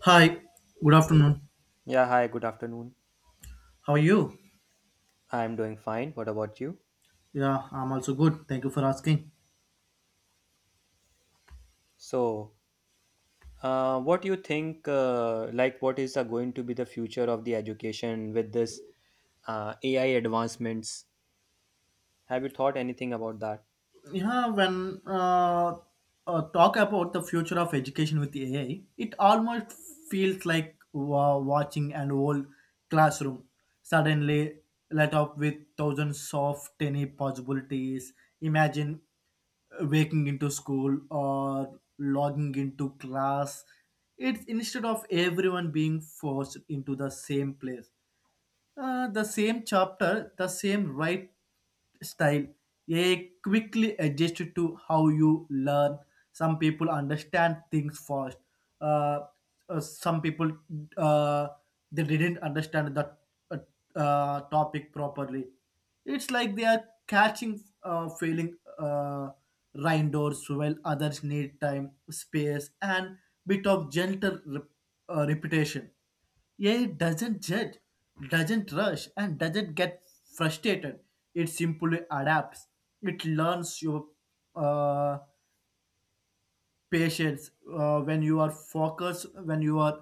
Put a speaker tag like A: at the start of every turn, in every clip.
A: Hi, good afternoon.
B: Yeah, hi, good afternoon.
A: How are you?
B: I'm doing fine. What about you?
A: Yeah, I'm also good. Thank you for asking.
B: So, what do you think, like, what is going to be the future of the education with this AI advancements? Have you thought anything about that?
A: Yeah, when talk about the future of education with AI, it almost feels like watching an old classroom suddenly light up with thousands of tiny possibilities. Imagine waking into school or logging into class, it's instead of everyone being forced into the same place, the same chapter, the same right style, a quickly adjusted to how you learn. Some people understand things fast. Uh, some people uh, they didn't understand the uh, topic properly. It's like they are catching failing rindors, while others need time, space, and bit of gentle repetition. AI doesn't judge, doesn't rush, and doesn't get frustrated. It simply adapts. It learns your uh, patience, when you are focused, when you are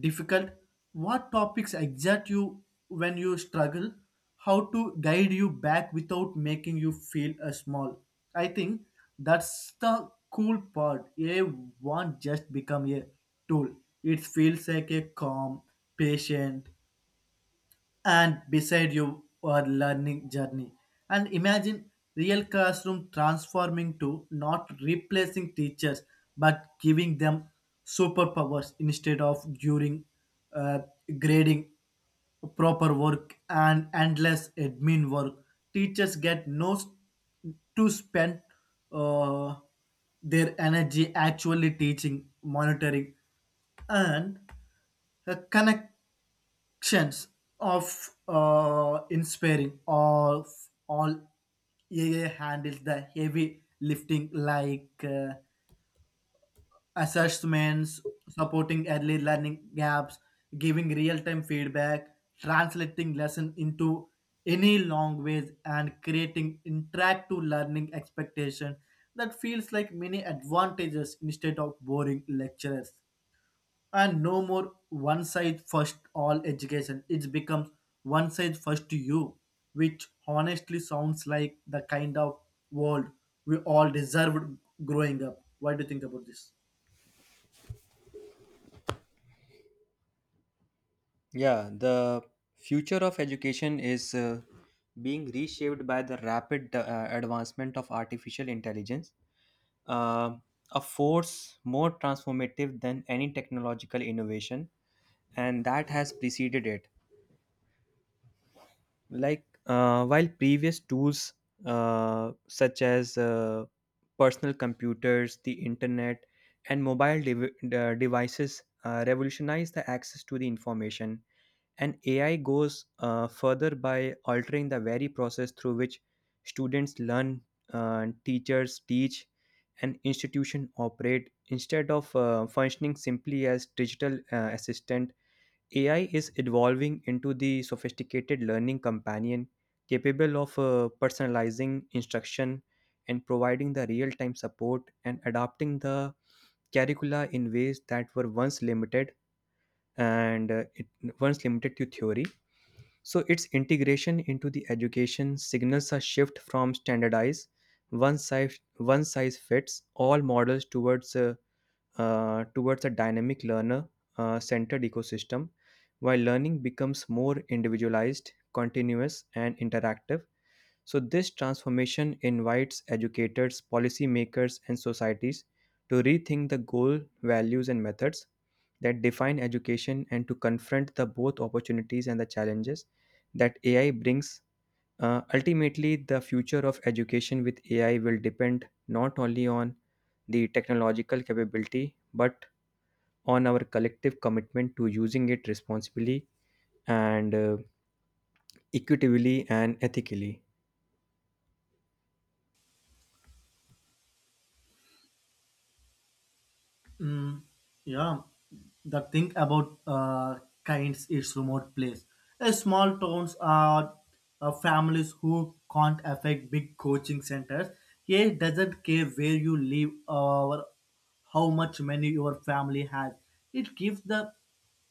A: difficult, what topics excite you, when you struggle, how to guide you back without making you feel small. I think that's the cool part. AI won't just become a tool. It feels like a calm, patient and beside you are learning journey, and imagine real classroom transforming to not replacing teachers but giving them superpowers. Instead of during uh, grading proper work and endless admin work, teachers get no s- to spend uh, their energy actually teaching, monitoring and connections of inspiring of all. AA handles the heavy lifting like assessments, supporting early learning gaps, giving real-time feedback, translating lesson into any language and creating interactive learning expectation that feels like many advantages instead of boring lectures, and no more one size first all education. It becomes one size first you, which honestly sounds like the kind of world we all deserved growing up. What do you think about this?
B: Yeah, the future of education is being reshaped by the rapid advancement of artificial intelligence, uh, a force more transformative than any technological innovation, and that has preceded it. Like while previous tools such as personal computers, the internet, and mobile devices revolutionize the access to the information, and AI goes further by altering the very process through which students learn, teachers teach, and institution operate instead of functioning simply as digital assistant. AI is evolving into the sophisticated learning companion capable of personalizing instruction and providing the real time support and adapting the curricula in ways that were once limited and uh, it, once limited to theory. So, its integration into the education signals a shift from standardized one size fits all models towards a dynamic learner centered ecosystem, while learning becomes more individualized, continuous, and interactive. So, this transformation invites educators, policymakers, and societies to rethink the goal, values, and methods that define education and to confront the both opportunities and the challenges that AI brings. Ultimately, the future of education with AI will depend not only on the technological capability but on our collective commitment to using it responsibly and equitably and ethically.
A: Mm, yeah, the thing about kinds is remote place. Small towns are families who can't affect big coaching centers. He doesn't care where you live or how much money your family has. It gives the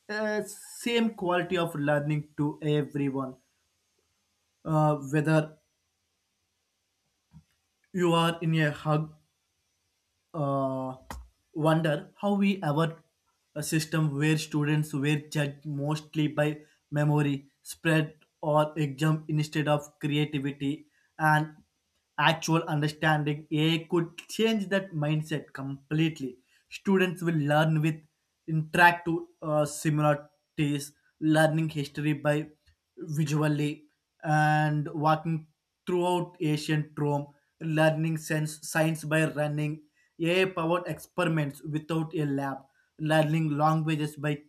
A: same quality of learning to everyone, whether you are in a hug, uh, wonder how we ever a system where students were judged mostly by memory, spread, or exam instead of creativity and actual understanding. AI could change that mindset completely. Students will learn with interactive similarities, learning history by visually, and walking throughout ancient Rome, learning sense science by running AI-powered experiments without a lab, learning languages by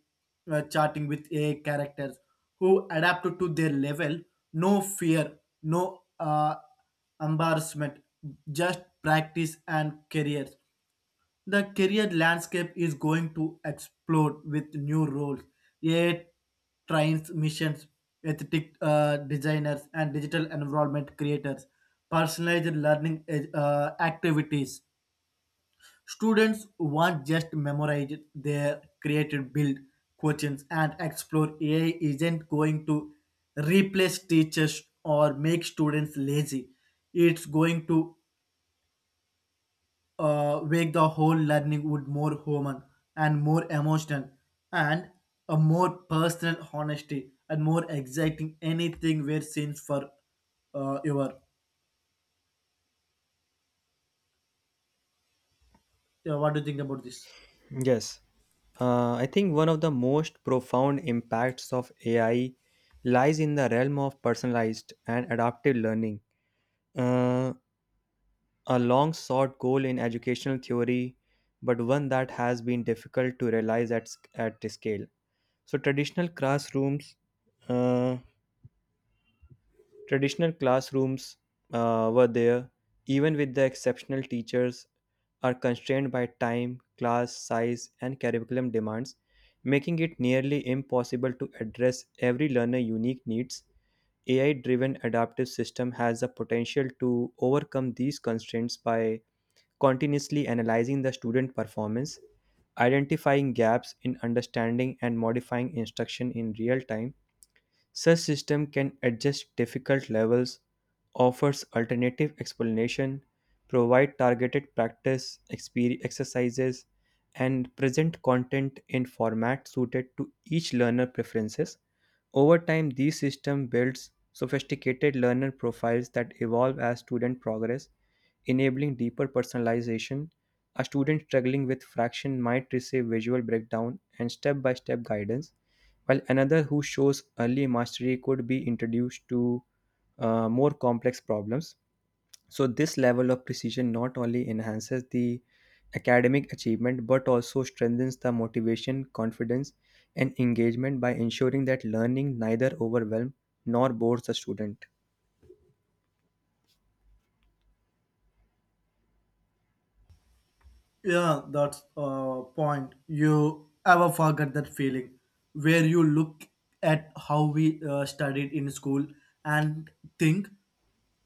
A: chatting with AI characters who adapt to their level, no fear, no embarrassment, just practice and careers. The career landscape is going to explode with new roles, AI trains missions, athletic designers, and digital environment creators, personalized learning activities. Students won't just memorize their created build questions and explore. AI isn't going to replace teachers or make students lazy. It's going to make the whole learning would more human and more emotional and a more personal honesty and more exciting anything we're seen for your. Yeah, what do you think about this?
B: Yes, I think one of the most profound impacts of AI lies in the realm of personalized and adaptive learning. Uh, a long sought goal in educational theory, but one that has been difficult to realize at the scale. So, uh, traditional classrooms were there, even with the exceptional teachers, are constrained by time, class size, and curriculum demands, making it nearly impossible to address every learner's unique needs. AI driven adaptive system has the potential to overcome these constraints by continuously analyzing the student performance, identifying gaps in understanding, and modifying instruction in real time. Such system can adjust difficult levels, offers alternative explanation, provide targeted exercises, and present content in format suited to each learner preferences. Over time, these system builds sophisticated learner profiles that evolve as student progress, enabling deeper personalization. A student struggling with fraction might receive visual breakdown and step-by-step guidance, while another who shows early mastery could be introduced to more complex problems. So, this level of precision not only enhances the academic achievement but also strengthens the motivation, confidence, and engagement by ensuring that learning neither overwhelms nor bores the student.
A: Yeah, that's a point. You ever forget that feeling where you look at how we studied in school and think,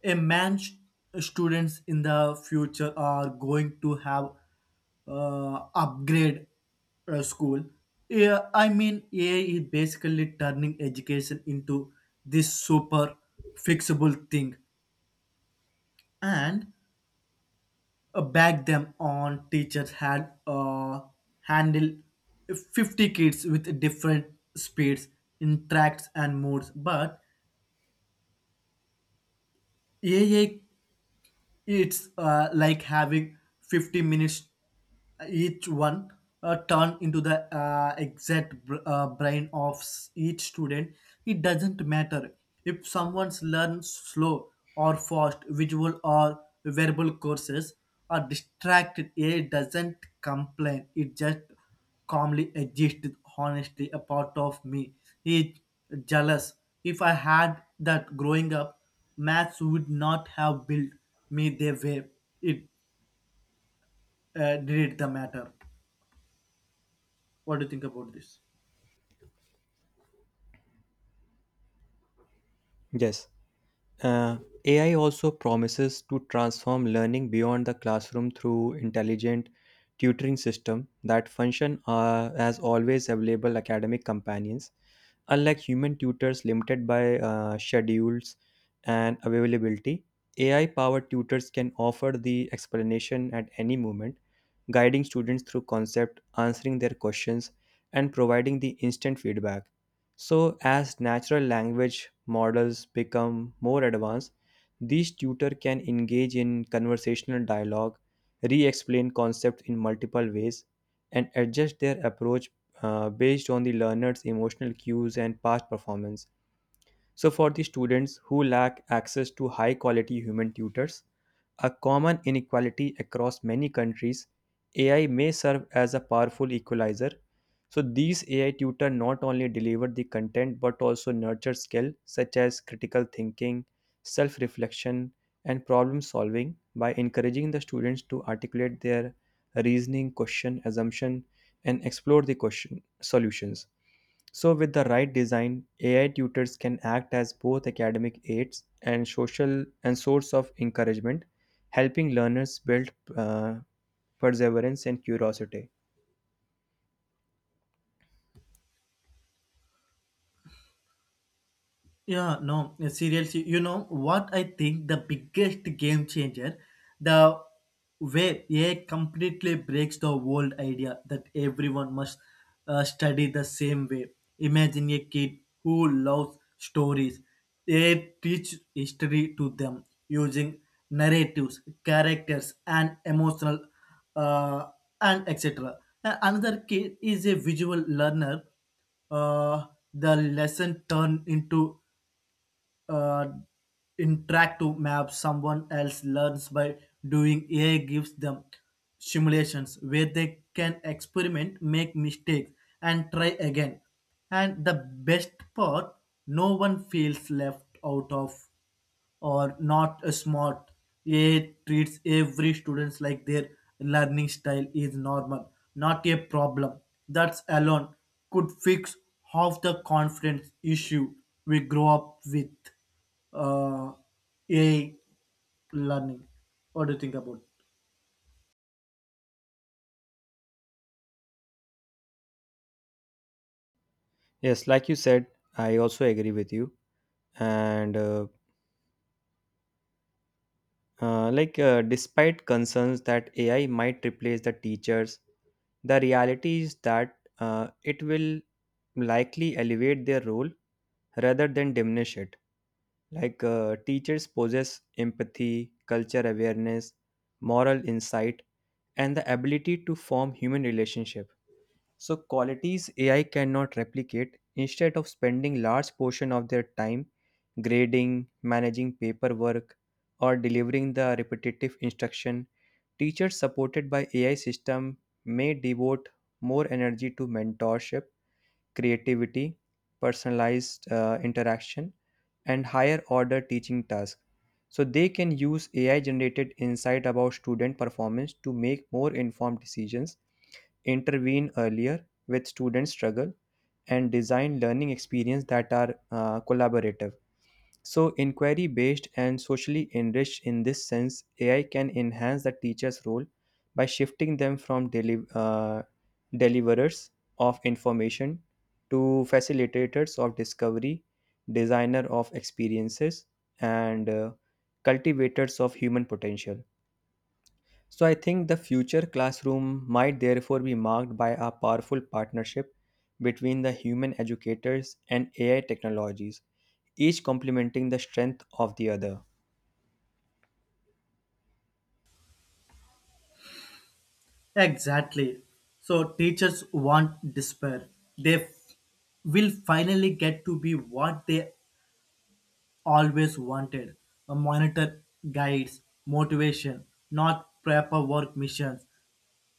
A: a man's students in the future are going to have upgrade school. Yeah, I mean, AI is basically turning education into this super fixable thing, and back them on teachers had handle 50 kids with different speeds, interacts and moods, but AI, it's like having 50 minutes, each one turn into the exact brain of each student. It doesn't matter if someone's learns slow or fast, visual or verbal courses are distracted. It doesn't complain. It just calmly exist. Honestly a part of me is jealous. If I had that growing up, maths would not have built me the way it did the matter. What do you think about this?
B: Yes. Uh, AI also promises to transform learning beyond the classroom through intelligent tutoring system that function as always available academic companions, unlike human tutors limited by schedules and availability. AI powered tutors can offer the explanation at any moment, guiding students through concept, answering their questions, and providing the instant feedback. So, as natural language models become more advanced, these tutor can engage in conversational dialogue, re-explain concepts in multiple ways, and adjust their approach based on the learner's emotional cues and past performance. So, for the students who lack access to high quality human tutors, a common inequality across many countries, AI may serve as a powerful equalizer. So, these AI tutor not only deliver the content but also nurture skills such as critical thinking, self reflection, and problem solving by encouraging the students to articulate their reasoning, question, assumption, and explore the question solutions. So, with the right design, AI tutors can act as both academic aids and social and source of encouragement, helping learners build uh, perseverance and curiosity.
A: Yeah, no, seriously, you know what I think the biggest game changer, the way AI completely breaks the old idea that everyone must study the same way. Imagine a kid who loves stories. They teach history to them using narratives, characters, and emotional uh, and etc. And another kid is a visual learner, uh, the lesson turned into uh, interactive maps. Someone else learns by doing, AI gives them simulations where they can experiment, make mistakes and try again, and the best part, no one feels left out of or not smart. A treats every students like their learning style is normal, not a problem. That's alone could fix half the confidence issue we grow up with, uh, a learning. What do you think about?
B: Yes, like you said, I also agree with you. And despite concerns that AI might replace the teachers, the reality is that it will likely elevate their role rather than diminish it. Like teachers possess empathy, culture awareness, moral insight, and the ability to form human relationship. So qualities AI cannot replicate. Instead of spending large portion of their time grading, managing paperwork, or delivering the repetitive instruction, teachers supported by AI system may devote more energy to mentorship, creativity, personalized interaction, and higher order teaching tasks. So they can use AI generated insight about student performance to make more informed decisions, intervene earlier with student struggle, and design learning experience that are collaborative. So, inquiry based and socially enriched in this sense, AI can enhance the teacher's role by shifting them from deliverers of information to facilitators of discovery, designer of experiences, and cultivators of human potential. So I think the future classroom might therefore be marked by a powerful partnership between the human educators and AI technologies, each complementing the strength of the other.
A: Exactly. So teachers want despair. They will finally get to be what they always wanted, a monitor, guides, motivation, not paperwork missions.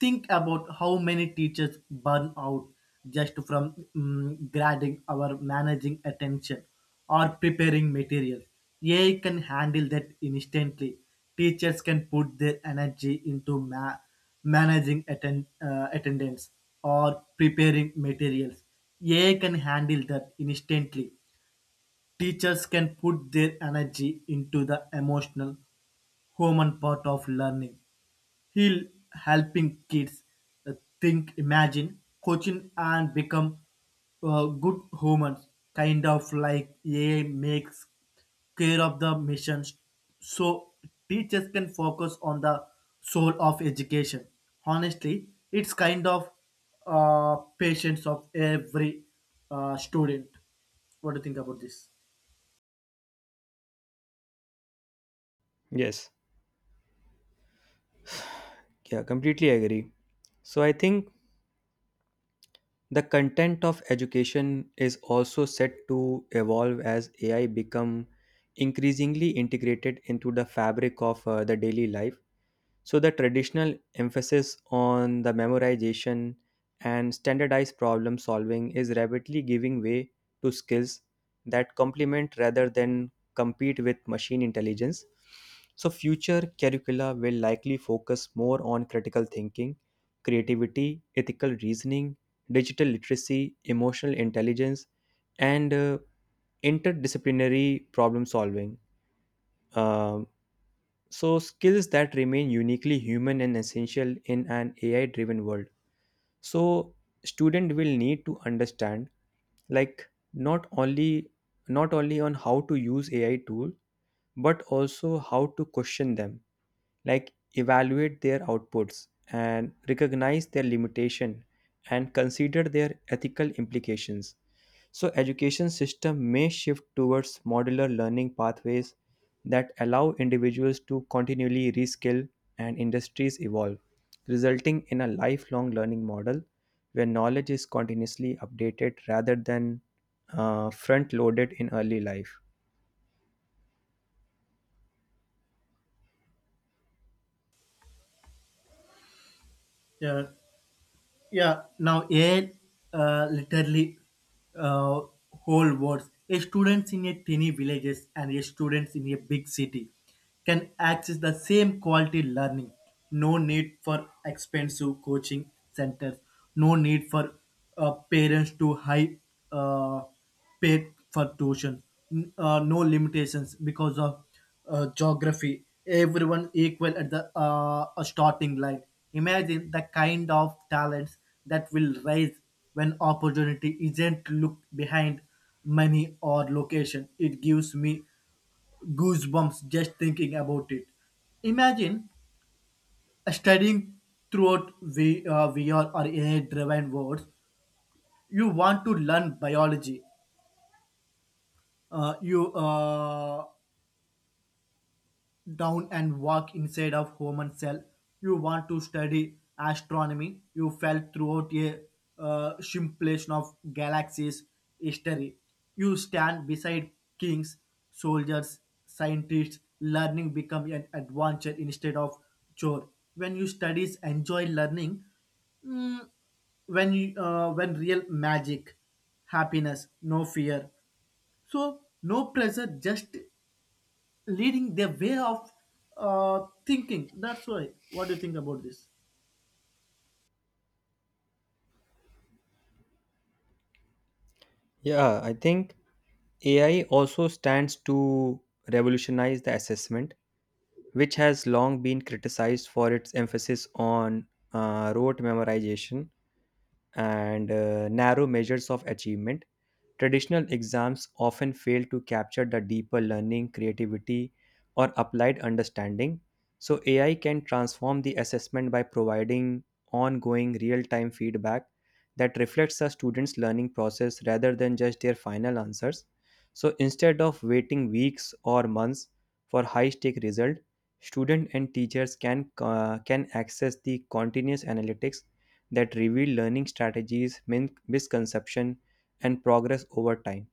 A: Think about how many teachers burn out just from grading or managing attention or preparing materials. AI can handle that instantly. Teachers can put their energy into managing attendance or preparing materials. AI can handle that instantly. Teachers can put their energy into the emotional, human part of learning. He'll helping kids uh, think, imagine, coaching, and become good humans. Kind of like AI makes care of the missions, so teachers can focus on the soul of education. Honestly, it's kind of patience of every student. What do you think about this?
B: Yes, yeah, completely agree. So I think the content of education is also set to evolve as AI become increasingly integrated into the fabric of the daily life. So the traditional emphasis on the memorization and standardized problem solving is rapidly giving way to skills that complement rather than compete with machine intelligence. So future curricula will likely focus more on critical thinking, creativity, ethical reasoning, digital literacy, emotional intelligence, and interdisciplinary problem solving. Um so, skills that remain uniquely human and essential in an AI driven world. So, student will need to understand, like, not only on how to use AI tool but also how to question them, like evaluate their outputs and recognize their limitation and consider their ethical implications. So education system may shift towards modular learning pathways that allow individuals to continually reskill and industries evolve, resulting in a lifelong learning model where knowledge is continuously updated rather than front loaded in early life.
A: Yeah, yeah. Now AI literally uh, whole words. A students in a tiny villages and a students in a big city can access the same quality learning. No need for expensive coaching centers. No need for parents to high uh, pay for tuition. No limitations because of geography, everyone equal at the starting line. Imagine the kind of talents that will rise when opportunity isn't looked behind money or location. It gives me goosebumps just thinking about it. Imagine studying throughout VR or AI driven words. You want to learn biology. You down and walk inside of human cell. You want to study astronomy. You fell throughout a simulation of galaxies, history. You stand beside kings, soldiers, scientists. Learning become an adventure instead of chore. When you studies enjoy learning, mm, when you, when real magic happiness, no fear, so no pressure, just leading their way of thinking. That's why. What do you think about this?
B: Yeah, I think AI also stands to revolutionize the assessment, which has long been criticized for its emphasis on rote memorization and narrow measures of achievement. Traditional exams often fail to capture the deeper learning, creativity, or applied understanding. So, AI can transform the assessment by providing ongoing real time feedback that reflects a student's learning process rather than just their final answers. So, instead of waiting weeks or months for high stake result, student and teachers can can access the continuous analytics that reveal learning strategies, misconception, and progress over time.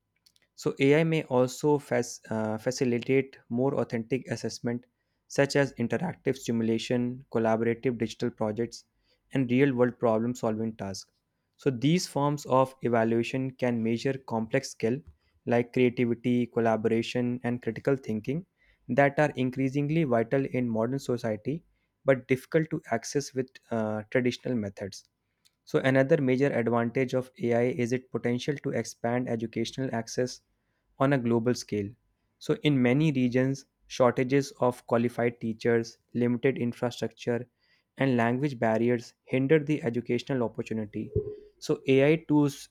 B: So AI may also facilitate more authentic assessment, such as interactive simulation, collaborative digital projects, and real-world problem-solving tasks. So these forms of evaluation can measure complex skill like creativity, collaboration, and critical thinking that are increasingly vital in modern society but difficult to access with traditional methods. So, another major advantage of AI is its potential to expand educational access on a global scale. So, in many regions, shortages of qualified teachers, limited infrastructure, and language barriers hinder the educational opportunity. So, AI tools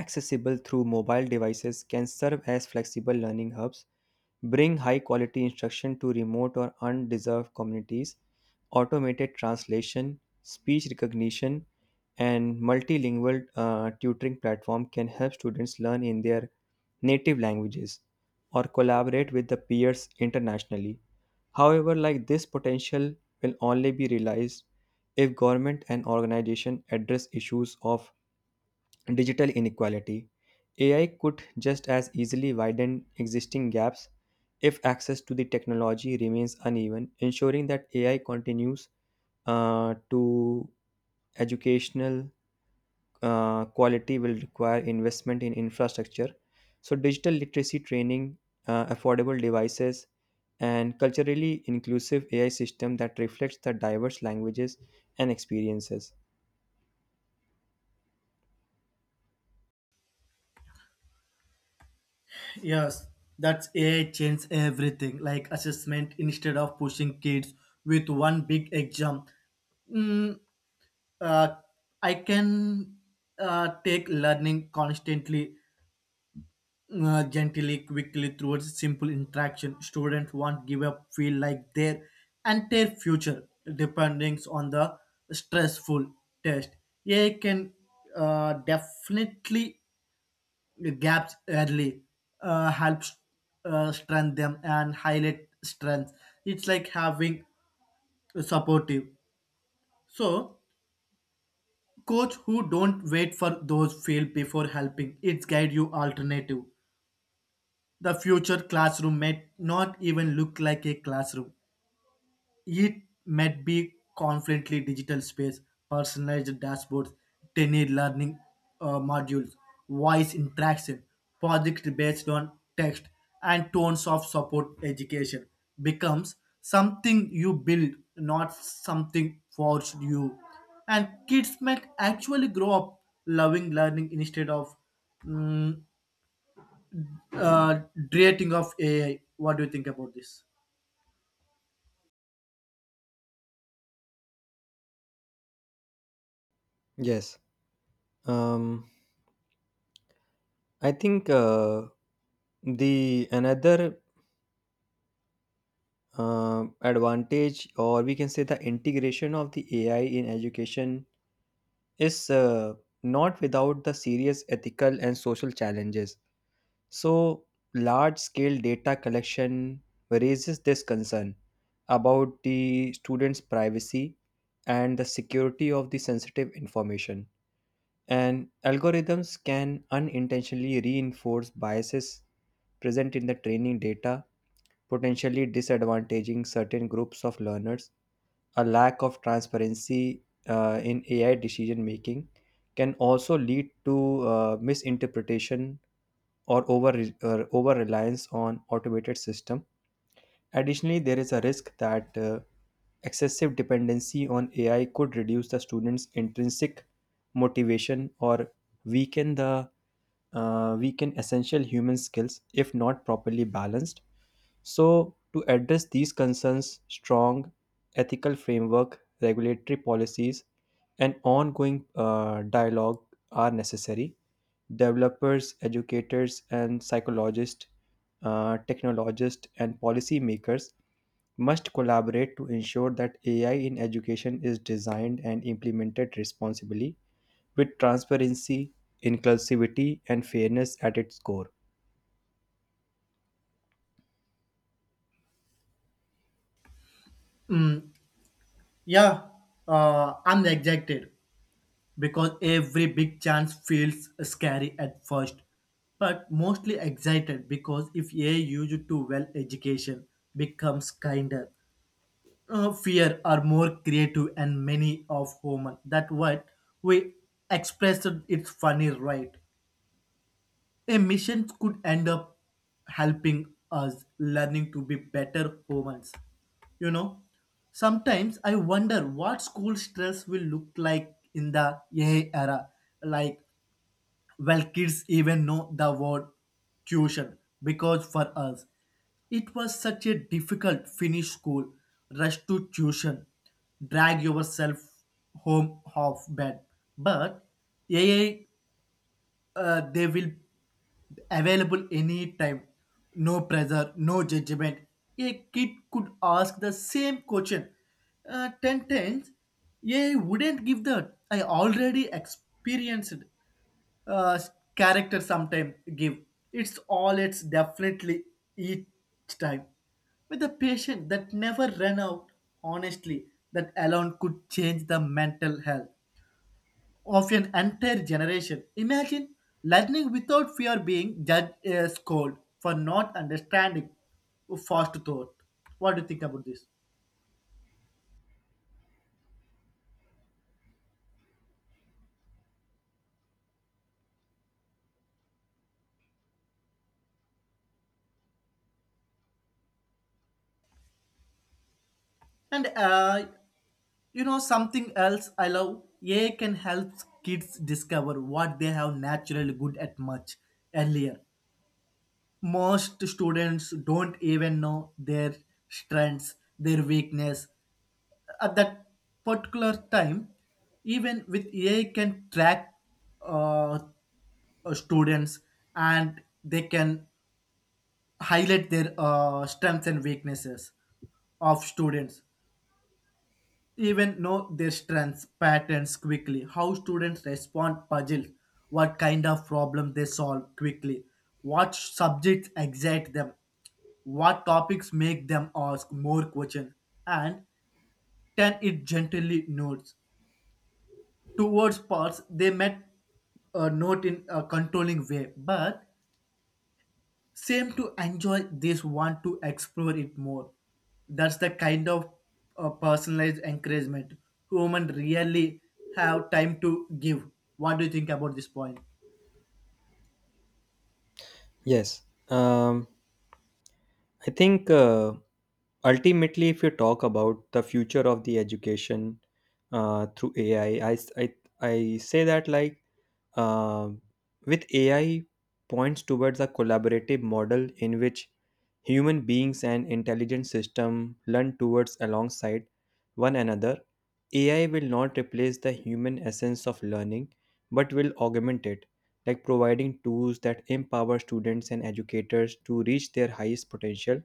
B: accessible through mobile devices can serve as flexible learning hubs, bring high quality instruction to remote or undeserved communities. Automated translation, speech recognition, and multilingual tutoring platform can help students learn in their native languages or collaborate with the peers internationally. However, like, this potential will only be realized if government and organization address issues of digital inequality. AI could just as easily widen existing gaps if access to the technology remains uneven. Ensuring that AI continues to educational quality will require investment in infrastructure. So, digital literacy training, affordable devices, and culturally inclusive AI system that reflects the diverse languages and experiences.
A: Yes, that's AI change everything, like assessment instead of pushing kids with one big exam. Mm, uh, I can take learning constantly, gently, quickly through a simple interaction. Students won't give up, feel like their entire future depending on the stressful test. AI can definitely gaps early, helps strengthen them and highlight strengths. It's like having a supportive. So, coach who don't wait for those fail before helping. It's guide you alternative. The future classroom may not even look like a classroom. It might be confidently digital space, personalized dashboards, 10 learning modules, voice interaction, project based on text, and tones of support. Education becomes something you build, not something forced you. And kids might actually grow up loving learning instead of mm, uh, rating of AI. What do you think about this?
B: Yes. Um, I think. The another advantage, or we can say the integration of the AI in education, is not without the serious ethical and social challenges. So, large scale data collection raises this concern about the students' privacy and the security of the sensitive information. And algorithms can unintentionally reinforce biases present in the training data, potentially disadvantaging certain groups of learners. A lack of transparency in AI decision making can also lead to misinterpretation or over reliance on automated system. Additionally, there is a risk that excessive dependency on AI could reduce the students' intrinsic motivation or weaken the weaken essential human skills if not properly balanced. So, to address these concerns, strong ethical framework, regulatory policies, and ongoing dialogue are necessary. Developers, educators, and psychologists, technologists, and policymakers must collaborate to ensure that AI in education is designed and implemented responsibly with transparency, inclusivity, and fairness at its core.
A: Yeah, I'm excited. Because every big chance feels scary at first, but mostly excited because if AI used to well, education becomes kinder, fear are more creative and many of human. That what we expressed, it's funny, right? A mission could end up helping us learning to be better humans. You know, sometimes I wonder what school stress will look like in the AI era. Like, well, kids even know the word tuition, because for us, it was such a difficult finish school, rush to tuition, drag yourself home off bed. But AI, they will available anytime, no pressure, no judgment, a kid could ask the same question 10 times. Yeah, wouldn't give that I already experienced uh, character sometime give, it's all it's definitely each time with a patient that never ran out. Honestly that alone could change the mental health of an entire generation. Imagine learning without fear being judged, scolded for not understanding fast thought. What do you think about this? And you know something else I love. AI can help kids discover what they have naturally good at much earlier. Most students don't even know their strengths, their weakness at that particular time. Even with AI can track uh, students, and they can highlight their strengths and weaknesses of students, even know their strengths, patterns quickly, how students respond puzzles, what kind of problem they solve quickly, what subjects excite them, what topics make them ask more questions, and turn it gently notes towards parts they met, a note in a controlling way, but same to enjoy this want to explore it more. That's the kind of personalized encouragement women really have time to give. What do you think about this point?
B: Yes. Um, I think Ultimately, if you talk about the future of the education through AI, I say that uh, with AI points towards a collaborative model in which human beings and intelligent system learn towards alongside one another. AI will not replace the human essence of learning, but will augment it, like providing tools that empower students and educators to reach their highest potential.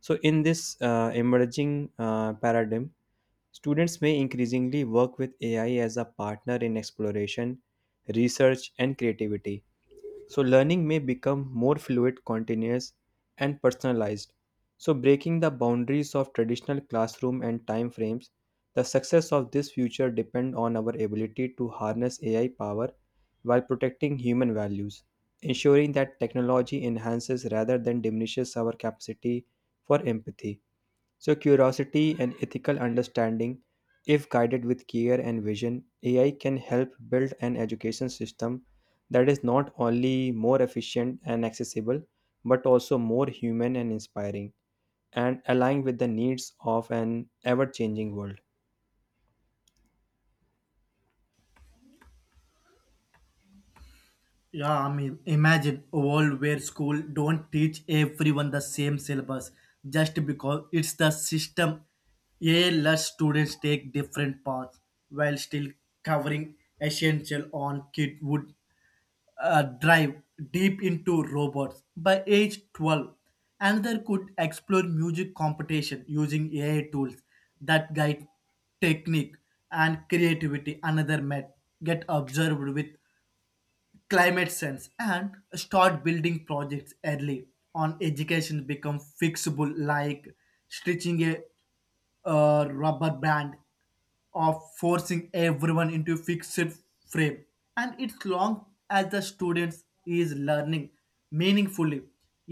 B: So, in this emerging paradigm, students may increasingly work with AI as a partner in exploration, research, and creativity. So, learning may become more fluid, continuous, and personalized. So, breaking the boundaries of traditional classroom and time frames, the success of this future depend on our ability to harness AI power while protecting human values, ensuring that technology enhances rather than diminishes our capacity for empathy. So, curiosity and ethical understanding, if guided with care and vision, AI can help build an education system that is not only more efficient and accessible, but also more human and inspiring, and aligned with the needs of an ever changing world.
A: Yeah, I mean, imagine a world where school don't teach everyone the same syllabus just because it's the system. A less students take different paths while still covering essential on kid would drive deep into robots by age 12. Another could explore music competition using AI tools that guide technique and creativity. Another met get observed with climate sense and start building projects early on. Education become fixable like stitching a rubber band of forcing everyone into fixed frame, and it's long as the students is learning meaningfully,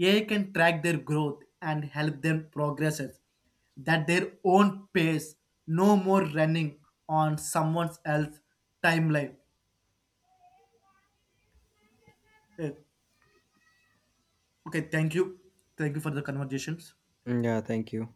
A: AI can track their growth and help them progress at their own pace, no more running on someone else's timeline. Okay, thank you. Thank you for the conversations.
B: Yeah, thank you.